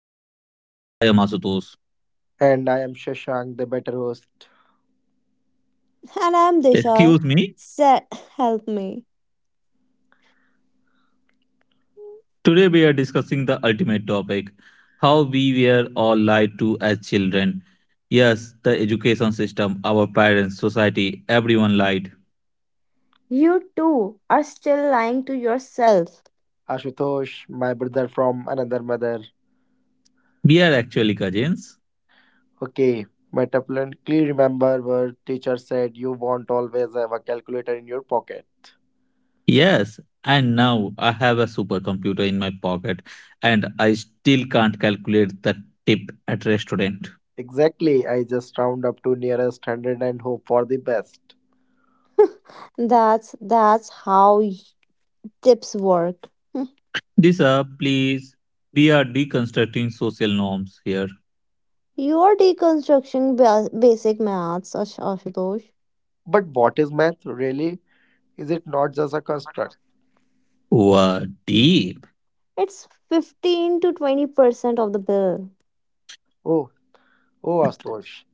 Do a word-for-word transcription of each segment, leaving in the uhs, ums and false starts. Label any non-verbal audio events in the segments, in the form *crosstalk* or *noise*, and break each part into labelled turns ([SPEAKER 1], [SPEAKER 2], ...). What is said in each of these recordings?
[SPEAKER 1] universe. I am Asutosh.
[SPEAKER 2] And I am Shashank, the better host.
[SPEAKER 3] And I'm Dishal.
[SPEAKER 1] Excuse me.
[SPEAKER 3] Se- Help me.
[SPEAKER 1] Today we are discussing the ultimate topic, how we were all lied to as children. Yes, the education system, our parents, society, everyone lied.
[SPEAKER 3] You too are still lying to yourself.
[SPEAKER 2] Ashutosh, my brother from another mother.
[SPEAKER 1] We are actually cousins.
[SPEAKER 2] Okay, my definitely remember where teacher said you won't always have a calculator in your pocket.
[SPEAKER 1] Yes, and now I have a supercomputer in my pocket and I still can't calculate the tip at restaurant.
[SPEAKER 2] Exactly, I just round up to nearest hundred and hope for the best.
[SPEAKER 3] That's that's how y- tips work.
[SPEAKER 1] This up, please. We are deconstructing social norms here.
[SPEAKER 3] You're deconstructing ba- basic maths, Ash- Ashutosh.
[SPEAKER 2] But what is math really? Is it not just a construct?
[SPEAKER 1] Wow, deep.
[SPEAKER 3] It's fifteen to twenty percent of the bill,
[SPEAKER 2] Oh, oh, Astosh.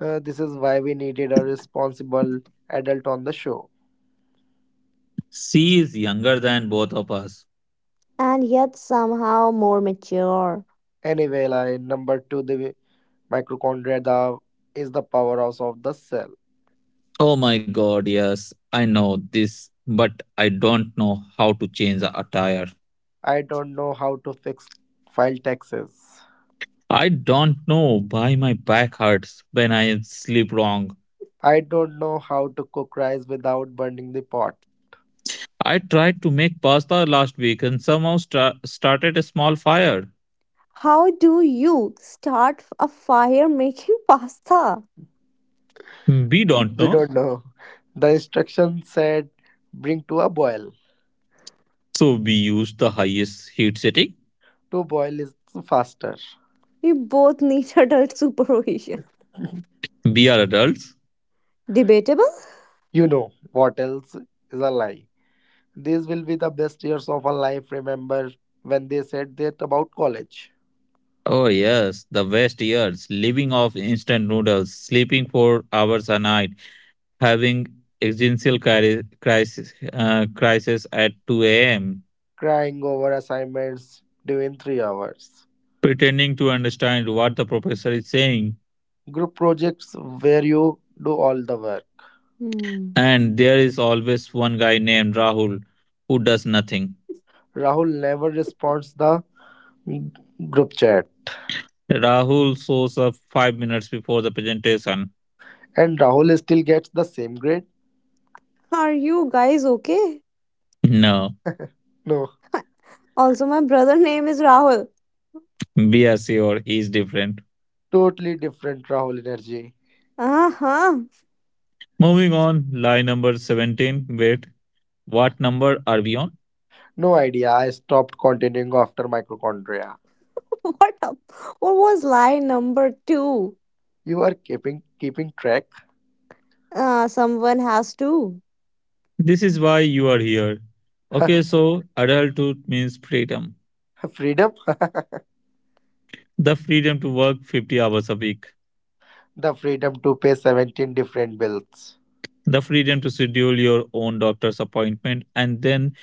[SPEAKER 2] Uh, this is why we needed a responsible adult on the show.
[SPEAKER 1] She is younger than both of us.
[SPEAKER 3] and yet somehow more mature.
[SPEAKER 2] Anyway, line number two, the mitochondria the, is the powerhouse of the cell.
[SPEAKER 1] Oh my god, yes, I know this, but I don't know how to change the attire.
[SPEAKER 2] I don't know how to fix file taxes.
[SPEAKER 1] I don't know why my back hurts when I sleep wrong.
[SPEAKER 2] I don't know how to cook rice without burning the pot.
[SPEAKER 1] I tried to make pasta last week and somehow stra- started a small fire.
[SPEAKER 3] How do you start a fire making *laughs* pasta?
[SPEAKER 1] We don't
[SPEAKER 2] We
[SPEAKER 1] know,
[SPEAKER 2] don't know. The instruction said bring to a boil.
[SPEAKER 1] so we use the highest heat setting.
[SPEAKER 2] To boil is faster.
[SPEAKER 3] You both need *laughs* adult supervision.
[SPEAKER 2] *laughs*
[SPEAKER 1] We are adults.
[SPEAKER 3] Debatable?
[SPEAKER 2] You know what else is a lie. These will be the best years of our life. Remember when they said that about college?
[SPEAKER 1] Oh yes, the West years, living off instant noodles, sleeping four hours a night, having existential cri- crisis, uh, crisis at two a m,
[SPEAKER 2] Crying over assignments during three hours.
[SPEAKER 1] pretending to understand what the professor is saying.
[SPEAKER 2] Group projects where you do all the work.
[SPEAKER 3] Hmm.
[SPEAKER 1] And there is always one guy named Rahul who does nothing.
[SPEAKER 2] Rahul never responds the group chat.
[SPEAKER 1] Rahul shows up five minutes before the presentation.
[SPEAKER 2] And Rahul still gets the same grade?
[SPEAKER 3] Are you guys okay?
[SPEAKER 1] No,
[SPEAKER 2] No.
[SPEAKER 3] Also, my brother name is Rahul.
[SPEAKER 1] be assured he is different.
[SPEAKER 2] Totally different Rahul energy.
[SPEAKER 3] Uh huh.
[SPEAKER 1] Moving on, lie number seventeen. Wait, what number are we on?
[SPEAKER 2] No idea. I stopped continuing after mitochondria.
[SPEAKER 3] *laughs* What up? What was lie number two?
[SPEAKER 2] You are keeping keeping track.
[SPEAKER 3] Uh, someone has to.
[SPEAKER 1] This is why you are here.
[SPEAKER 2] *laughs*
[SPEAKER 1] Okay, so adulthood means freedom.
[SPEAKER 2] Freedom,
[SPEAKER 1] The freedom to work fifty hours a week,
[SPEAKER 2] *laughs* the freedom to pay seventeen different bills.
[SPEAKER 1] the freedom to schedule your own doctor's appointment and then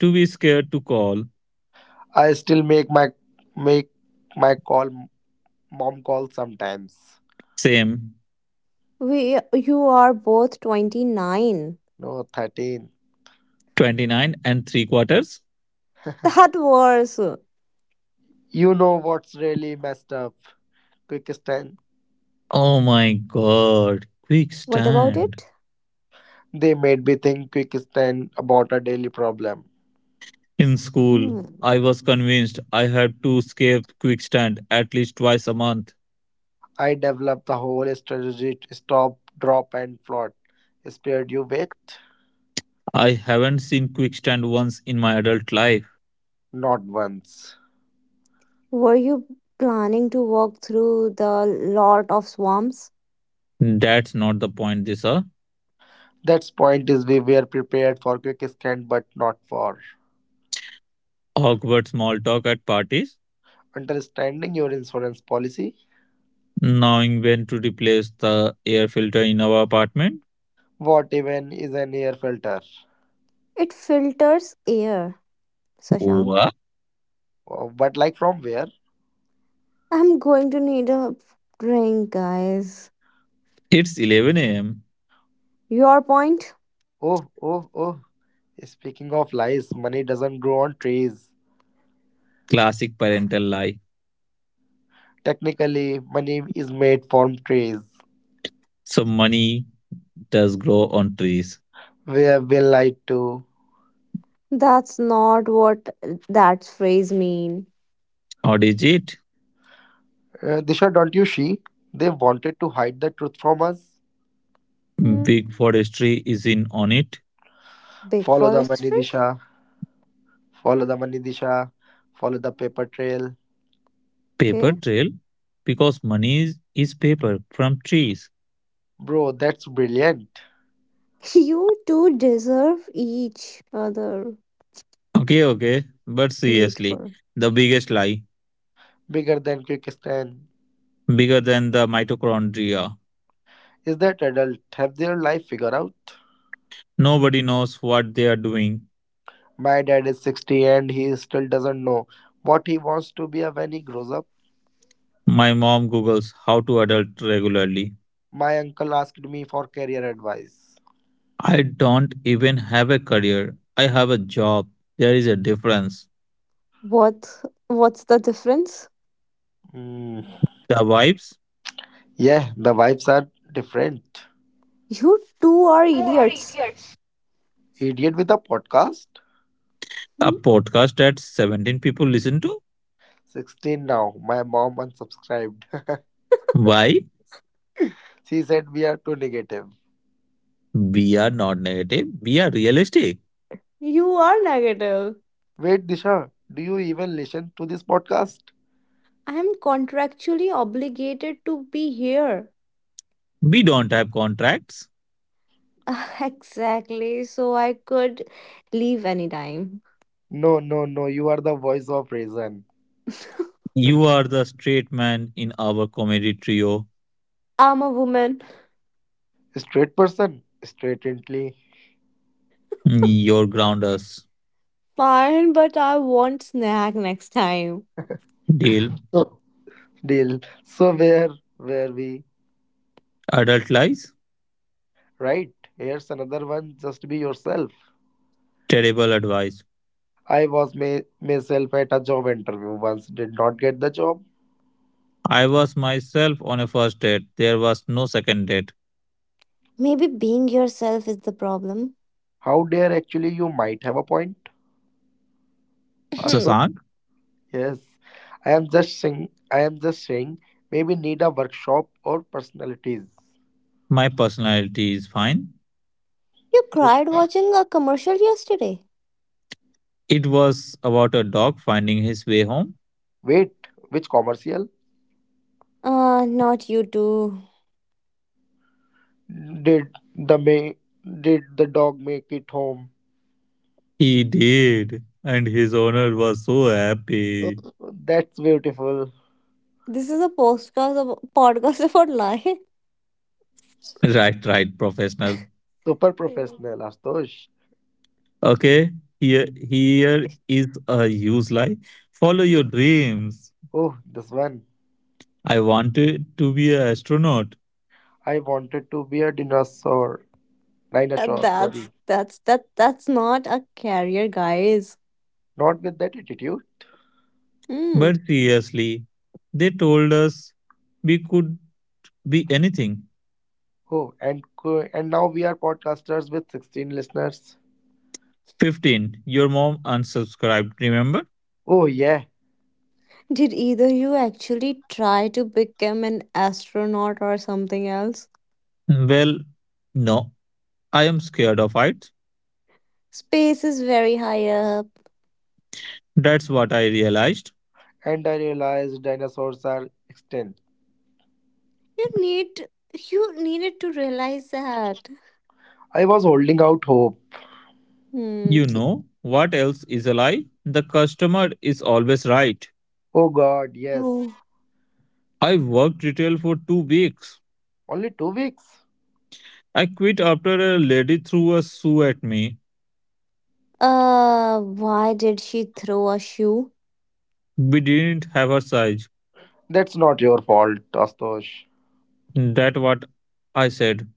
[SPEAKER 1] to be scared to call.
[SPEAKER 2] I still make my make my call mom call sometimes.
[SPEAKER 1] Same,
[SPEAKER 3] We, you are both twenty nine.
[SPEAKER 2] No thirteen.
[SPEAKER 1] twenty-nine and three quarters.
[SPEAKER 3] That was.
[SPEAKER 2] You know what's really messed up? Quickstand.
[SPEAKER 1] Oh my god, quick
[SPEAKER 3] What about
[SPEAKER 1] stand.
[SPEAKER 3] it?
[SPEAKER 2] They made me think Quickstand about a daily problem.
[SPEAKER 1] In school,
[SPEAKER 3] Hmm.
[SPEAKER 1] I was convinced I had to skip quick stand at least twice a month.
[SPEAKER 2] I developed the whole strategy to stop, drop, and float. Spared you wait.
[SPEAKER 1] I haven't seen quick stand once in my adult life.
[SPEAKER 2] Not once.
[SPEAKER 3] Were you planning to walk through the lot of swamps?
[SPEAKER 1] That's not the point, this huh?
[SPEAKER 2] That's point is we were prepared for quick scan but not for
[SPEAKER 1] Awkward small talk at parties,
[SPEAKER 2] understanding your insurance policy.
[SPEAKER 1] knowing when to replace the air filter in our apartment.
[SPEAKER 2] What even is an air filter?
[SPEAKER 3] It filters air, Sashank.
[SPEAKER 1] What?
[SPEAKER 2] Oh, but like from where?
[SPEAKER 3] I'm going to need a drink, guys.
[SPEAKER 1] It's eleven a m.
[SPEAKER 3] Your point?
[SPEAKER 2] Oh, oh, oh. Speaking of lies, money doesn't grow on trees.
[SPEAKER 1] Classic parental lie.
[SPEAKER 2] Technically, money is made from trees.
[SPEAKER 1] So money does grow on trees.
[SPEAKER 2] We have been lied to.
[SPEAKER 3] That's not what that phrase mean.
[SPEAKER 1] Or is it?
[SPEAKER 2] Uh, Disha, don't you see? They wanted to hide the truth from us.
[SPEAKER 3] Hmm.
[SPEAKER 1] Big forestry is in on it.
[SPEAKER 3] Big
[SPEAKER 2] Follow the money,
[SPEAKER 3] forestry?
[SPEAKER 2] Disha. Follow the money, Disha. Follow the paper trail.
[SPEAKER 3] Okay.
[SPEAKER 1] Paper trail. Because money is, is paper from trees.
[SPEAKER 2] Bro, that's brilliant.
[SPEAKER 3] *laughs* You two deserve each other
[SPEAKER 1] Okay, okay. But
[SPEAKER 3] mate
[SPEAKER 1] seriously,
[SPEAKER 3] for.
[SPEAKER 1] the biggest lie.
[SPEAKER 2] Bigger than Quickstan.
[SPEAKER 1] Bigger than the mitochondria.
[SPEAKER 2] Is that adult? Have their life figured out?
[SPEAKER 1] Nobody knows what they are doing.
[SPEAKER 2] My dad is sixty and he still doesn't know what he wants to be when he grows up.
[SPEAKER 1] My mom Googles how to adult regularly.
[SPEAKER 2] My uncle asked me for career advice.
[SPEAKER 1] I don't even have a career. I have a job. There is a difference.
[SPEAKER 3] What what's the difference?
[SPEAKER 2] Hmm.
[SPEAKER 1] The vibes?
[SPEAKER 2] Yeah, the vibes are different.
[SPEAKER 3] You two are idiots.
[SPEAKER 2] Idiot with a podcast?
[SPEAKER 3] *laughs*
[SPEAKER 1] A
[SPEAKER 3] Hmm.
[SPEAKER 1] podcast that seventeen people listen to.
[SPEAKER 2] sixteen now. My mom unsubscribed.
[SPEAKER 1] Why?
[SPEAKER 2] *laughs* She said we are too negative.
[SPEAKER 1] We are not negative. We are realistic.
[SPEAKER 3] You are negative.
[SPEAKER 2] Wait, Disha, do you even listen to this podcast?
[SPEAKER 3] I am contractually obligated to be here.
[SPEAKER 1] We don't have contracts.
[SPEAKER 3] *laughs* Exactly, so I could leave anytime.
[SPEAKER 2] No, no, no. You are the voice of reason.
[SPEAKER 3] *laughs*
[SPEAKER 1] You are the straight man in our comedy trio.
[SPEAKER 3] I'm a woman.
[SPEAKER 2] Straight person, straightly
[SPEAKER 1] Your grounders
[SPEAKER 3] Fine, but I want snack next time.
[SPEAKER 1] deal.
[SPEAKER 2] so deal. So where were we?
[SPEAKER 1] Adult lies.
[SPEAKER 2] Right. Here's another one. Just be yourself.
[SPEAKER 1] Terrible advice.
[SPEAKER 2] I was my, myself at a job interview once. Did not get the job.
[SPEAKER 1] I was myself on a first date. There was no second date.
[SPEAKER 3] Maybe being yourself is the problem.
[SPEAKER 2] How dare actually you might have a point. Ashok?
[SPEAKER 3] *laughs* *clears throat*
[SPEAKER 1] Sasank,
[SPEAKER 2] Yes. I am just saying. I am just saying. Maybe need a workshop or personalities.
[SPEAKER 1] my personality is fine.
[SPEAKER 3] You
[SPEAKER 2] Which,
[SPEAKER 3] cried watching a commercial yesterday.
[SPEAKER 1] It was about a dog finding his way home.
[SPEAKER 2] Wait. Which commercial?
[SPEAKER 3] Uh, not you too.
[SPEAKER 2] Did the may did the dog make it home?
[SPEAKER 1] He did, and his owner was so
[SPEAKER 2] Oh,
[SPEAKER 1] happy.
[SPEAKER 2] that's beautiful.
[SPEAKER 3] This is a podcast of podcast *laughs* about lie.
[SPEAKER 1] *laughs* Right, right, professional.
[SPEAKER 2] Super
[SPEAKER 3] Uh,
[SPEAKER 2] professional, Astosh.
[SPEAKER 1] Okay, here here is a use lie. Follow your dreams.
[SPEAKER 2] Oh, this one.
[SPEAKER 1] I wanted to be an astronaut,
[SPEAKER 2] I wanted to be a dinosaur. Dinosaur,
[SPEAKER 3] that's
[SPEAKER 2] sorry.
[SPEAKER 3] that's that that's not a career, guys.
[SPEAKER 2] Not with that attitude.
[SPEAKER 3] Hmm.
[SPEAKER 1] but seriously, they told us we could be anything.
[SPEAKER 2] Oh, and co- and now we are podcasters with sixteen listeners.
[SPEAKER 1] fifteen. Your mom unsubscribed, remember?
[SPEAKER 2] Oh yeah,
[SPEAKER 3] Did either you actually try to become an astronaut or something else?
[SPEAKER 1] Well, no, I am scared of heights.
[SPEAKER 3] Space is very high up.
[SPEAKER 1] That's what I realized.
[SPEAKER 2] and I realized dinosaurs are extinct.
[SPEAKER 3] You need you needed to realize that.
[SPEAKER 2] I was holding out hope.
[SPEAKER 3] Hmm.
[SPEAKER 1] You
[SPEAKER 3] t-
[SPEAKER 1] know what else is a lie? The customer is always right.
[SPEAKER 2] Oh god, yes.
[SPEAKER 3] Oh.
[SPEAKER 1] I worked retail for two weeks.
[SPEAKER 2] Only two weeks.
[SPEAKER 1] I quit after a lady threw a shoe at me.
[SPEAKER 3] Uh, why did she throw a shoe?
[SPEAKER 1] We didn't have her size.
[SPEAKER 2] That's not your fault, Astosh.
[SPEAKER 1] That what I said.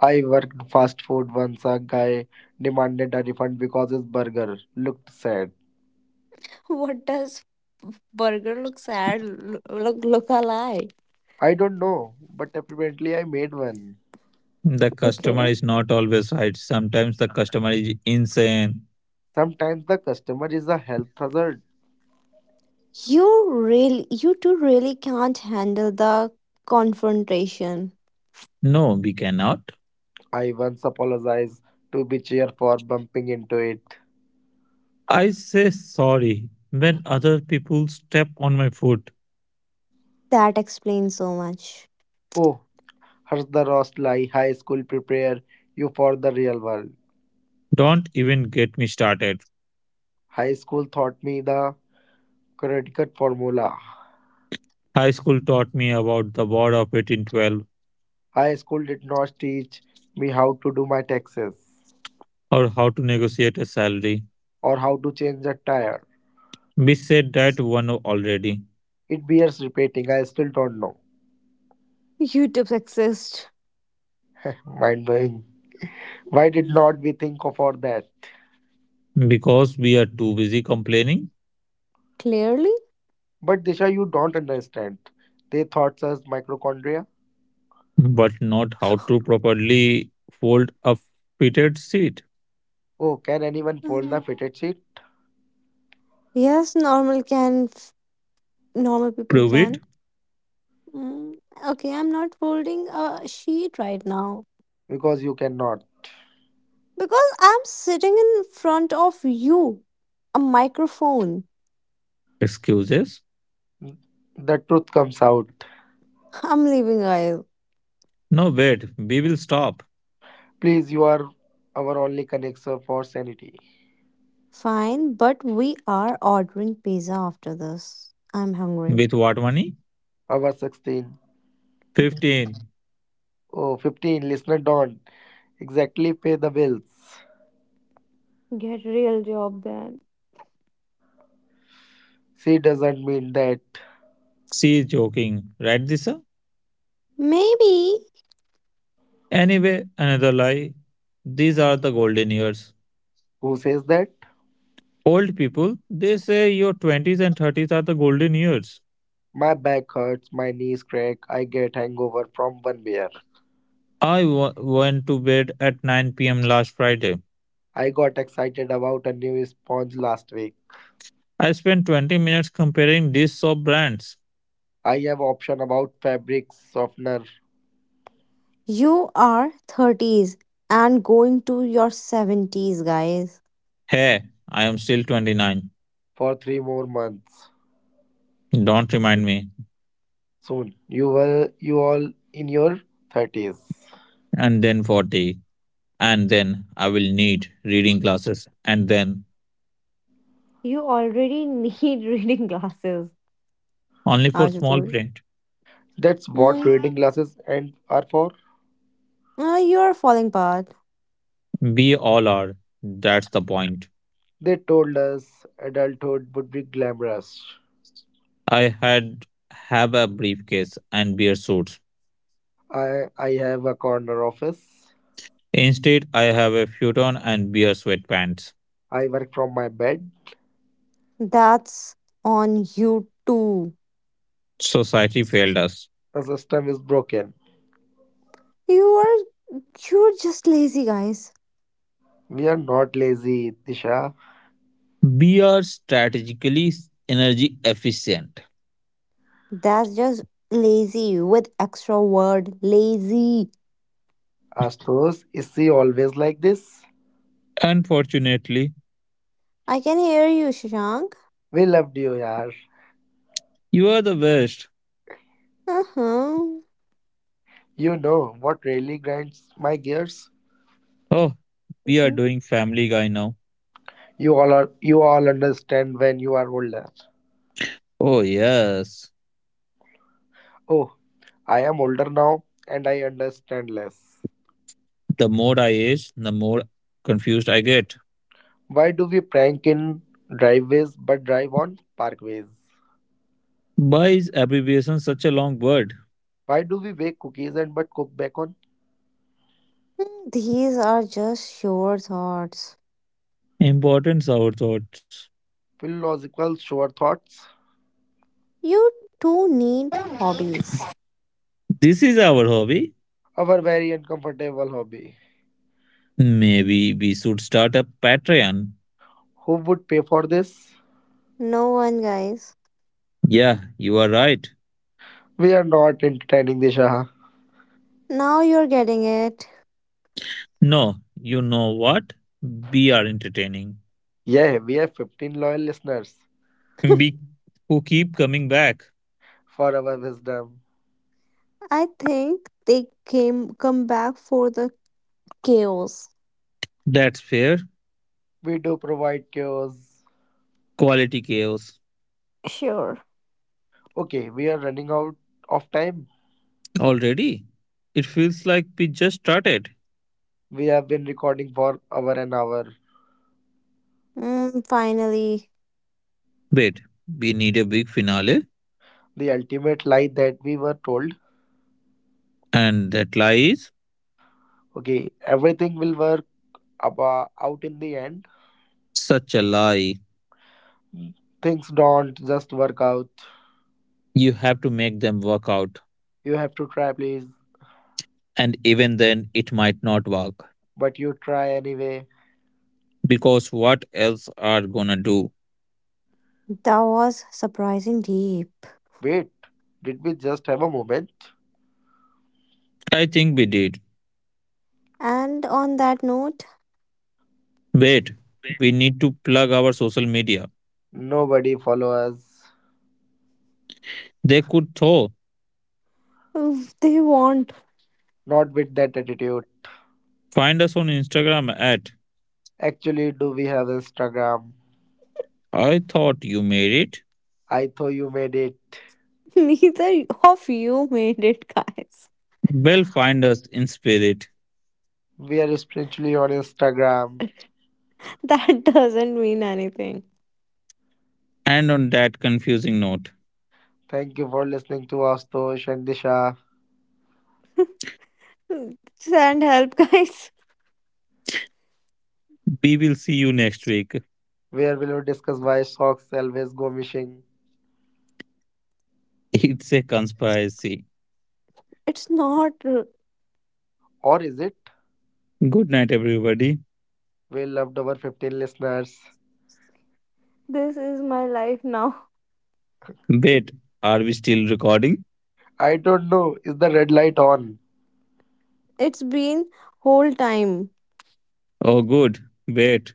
[SPEAKER 2] I worked fast food once a guy demanded a refund because his burger looked sad.
[SPEAKER 3] *laughs* What does burger look sad? l- Look, look alive.
[SPEAKER 2] I don't know, but apparently I made one.
[SPEAKER 1] The
[SPEAKER 3] Okay.
[SPEAKER 1] customer is not always right. Sometimes the customer is insane.
[SPEAKER 2] Sometimes the customer is a health hazard.
[SPEAKER 3] You really, you two really can't handle the confrontation.
[SPEAKER 1] No, we cannot.
[SPEAKER 2] I once apologized to Bichir for bumping into it.
[SPEAKER 1] I say sorry when other people step on my foot.
[SPEAKER 3] That explains so much.
[SPEAKER 2] Oh, Harsda Rostlai High School prepare you for the real world.
[SPEAKER 1] Don't even get me started.
[SPEAKER 2] High school taught me the credit formula.
[SPEAKER 1] High school taught me about the war of eighteen twelve,
[SPEAKER 2] High school did not teach me how to do my taxes
[SPEAKER 1] or how to negotiate a salary.
[SPEAKER 2] or how to change a tire.
[SPEAKER 1] We said that one already,
[SPEAKER 2] It bears repeating, I still don't know.
[SPEAKER 3] YouTube exist.
[SPEAKER 2] *laughs* Mind blowing. Why did not we think of all that?
[SPEAKER 1] because we are too busy complaining
[SPEAKER 3] Clearly.
[SPEAKER 2] But Disha, you don't understand. They thought us mitochondria.
[SPEAKER 1] but not how to properly fold a fitted sheet.
[SPEAKER 2] Oh, can anyone fold the
[SPEAKER 3] Uh,
[SPEAKER 2] fitted sheet?
[SPEAKER 3] Yes, normal can, f- normal people
[SPEAKER 1] Prove it.
[SPEAKER 3] can. Mm, Okay, I'm not holding a sheet right now.
[SPEAKER 2] Because you cannot.
[SPEAKER 3] Because I'm sitting in front of you, a microphone.
[SPEAKER 1] Excuses.
[SPEAKER 2] The truth comes out.
[SPEAKER 3] *laughs* I'm leaving aisle.
[SPEAKER 1] No, wait, we will stop.
[SPEAKER 2] Please, you are our only connection for sanity.
[SPEAKER 3] Fine, but we are ordering pizza after this. I'm hungry.
[SPEAKER 1] With what money?
[SPEAKER 2] Our sixteen.
[SPEAKER 1] fifteen.
[SPEAKER 2] Oh, fifteen. Listener don't exactly pay the bills.
[SPEAKER 3] Get real job then.
[SPEAKER 2] She doesn't mean that.
[SPEAKER 1] She is joking, right, Disha?
[SPEAKER 3] Maybe
[SPEAKER 1] Anyway, another lie. These are the golden years.
[SPEAKER 2] Who says that?
[SPEAKER 1] Old people, they say your twenties and thirties are the golden years.
[SPEAKER 2] My back hurts, my knees crack, I get hangover from one beer.
[SPEAKER 1] I w- went to bed at nine p m last Friday.
[SPEAKER 2] I got excited about a new sponge last week.
[SPEAKER 1] I spent twenty minutes comparing these soap brands.
[SPEAKER 2] I have option about fabric softener
[SPEAKER 3] you are thirties and going to your seventies, guys.
[SPEAKER 1] Hey, I am still twenty-nine.
[SPEAKER 2] for three more months.
[SPEAKER 1] Don't remind me.
[SPEAKER 2] Soon, you will you all in your thirties.
[SPEAKER 1] And then forty, and then I will need reading classes, and then
[SPEAKER 3] You already need *laughs* reading glasses.
[SPEAKER 1] only for small
[SPEAKER 3] Ashutosh.
[SPEAKER 1] print.
[SPEAKER 2] That's what
[SPEAKER 3] Mm,
[SPEAKER 2] reading glasses and are for.
[SPEAKER 3] uh, you are falling apart.
[SPEAKER 1] We all are. That's the point.
[SPEAKER 2] They told us adulthood would be glamorous.
[SPEAKER 1] I had have a briefcase and beer suits.
[SPEAKER 2] I I have a corner office.
[SPEAKER 1] Instead, I have a futon and beer sweatpants.
[SPEAKER 2] I work from my bed.
[SPEAKER 3] That's on you too.
[SPEAKER 1] Society failed us.
[SPEAKER 2] The system is broken.
[SPEAKER 3] You are You're just lazy, guys.
[SPEAKER 2] We are not lazy, Tisha.
[SPEAKER 1] We are strategically energy efficient.
[SPEAKER 3] That's just lazy with extra word lazy.
[SPEAKER 2] Astos, is she always like this?
[SPEAKER 1] Unfortunately,
[SPEAKER 3] I can hear you, Shashank.
[SPEAKER 2] We loved you, yaar.
[SPEAKER 1] you are the worst.
[SPEAKER 3] Uh-huh.
[SPEAKER 2] You know what really grinds my gears?
[SPEAKER 1] Oh, we are
[SPEAKER 3] Mhm.
[SPEAKER 1] doing Family Guy now.
[SPEAKER 2] You all are you all understand when you are older.
[SPEAKER 1] Oh, yes.
[SPEAKER 2] Oh, I am older now and I understand less.
[SPEAKER 1] The more I age, the more confused I get.
[SPEAKER 2] Why do we prank in driveways but drive on parkways?
[SPEAKER 1] Why is abbreviation such a long word?
[SPEAKER 2] Why do we bake cookies and but cook bacon?
[SPEAKER 3] These are just your thoughts.
[SPEAKER 1] Importance our thoughts.
[SPEAKER 2] Philosophical sure thoughts.
[SPEAKER 3] You too need hobbies.
[SPEAKER 1] This is our hobby.
[SPEAKER 2] Our very uncomfortable hobby.
[SPEAKER 1] Maybe we should start a Patreon.
[SPEAKER 2] Who would pay for this?
[SPEAKER 3] No one, guys.
[SPEAKER 1] Yeah, you are right.
[SPEAKER 2] We are not entertaining the Shah.
[SPEAKER 3] Now you're getting it.
[SPEAKER 1] No, you know what? We are entertaining.
[SPEAKER 2] Yeah, we have fifteen loyal listeners
[SPEAKER 1] We who keep coming back.
[SPEAKER 2] for our wisdom.
[SPEAKER 3] I think they came come back for the chaos.
[SPEAKER 1] That's fair.
[SPEAKER 2] We do provide cures.
[SPEAKER 1] Quality chaos.
[SPEAKER 3] Sure.
[SPEAKER 2] Okay, we are running out of time.
[SPEAKER 1] Already? It feels like we just started.
[SPEAKER 2] We have been recording for over an hour.
[SPEAKER 3] Mm, finally,
[SPEAKER 1] Wait, we need a big finale?
[SPEAKER 2] The ultimate lie that we were told:
[SPEAKER 1] And that lie is
[SPEAKER 2] okay, everything will work abo- out in the end.
[SPEAKER 1] such a lie.
[SPEAKER 2] Mm. Things don't just work out.
[SPEAKER 1] You have to make them work out.
[SPEAKER 2] You have to try, please,
[SPEAKER 1] And even then, it might not work.
[SPEAKER 2] but you try anyway.
[SPEAKER 1] Because what else are gonna do?
[SPEAKER 3] that was surprising deep.
[SPEAKER 2] Wait, did we just have a moment?
[SPEAKER 1] I think we did.
[SPEAKER 3] And on that note,
[SPEAKER 1] Wait, we need to plug our social media.
[SPEAKER 2] Nobody follow us.
[SPEAKER 1] They could though.
[SPEAKER 3] oof, they want.
[SPEAKER 2] Not with that attitude.
[SPEAKER 1] Find us on Instagram at
[SPEAKER 2] Actually, do we have Instagram?
[SPEAKER 1] I thought you made it.
[SPEAKER 2] I thought you made it.
[SPEAKER 3] *laughs* Neither of you made it, guys.
[SPEAKER 1] Well, find us in spirit.
[SPEAKER 2] We are spiritually on Instagram.
[SPEAKER 3] That *laughs* doesn't mean anything.
[SPEAKER 1] And on that confusing note,
[SPEAKER 2] Thank you for listening to Astosh and Disha,
[SPEAKER 3] Send help, *laughs* guys.
[SPEAKER 1] we will see you next week.
[SPEAKER 2] where we will discuss why socks always go missing.
[SPEAKER 1] *laughs* It's a conspiracy.
[SPEAKER 3] It's not. uh,
[SPEAKER 2] Or is it?
[SPEAKER 1] Good night, everybody.
[SPEAKER 2] We loved over fifteen listeners.
[SPEAKER 3] This is my life now.
[SPEAKER 1] Wait, are we still recording?
[SPEAKER 2] I don't know. Is the red light on?
[SPEAKER 3] It's been whole time.
[SPEAKER 1] Oh, good. Wait.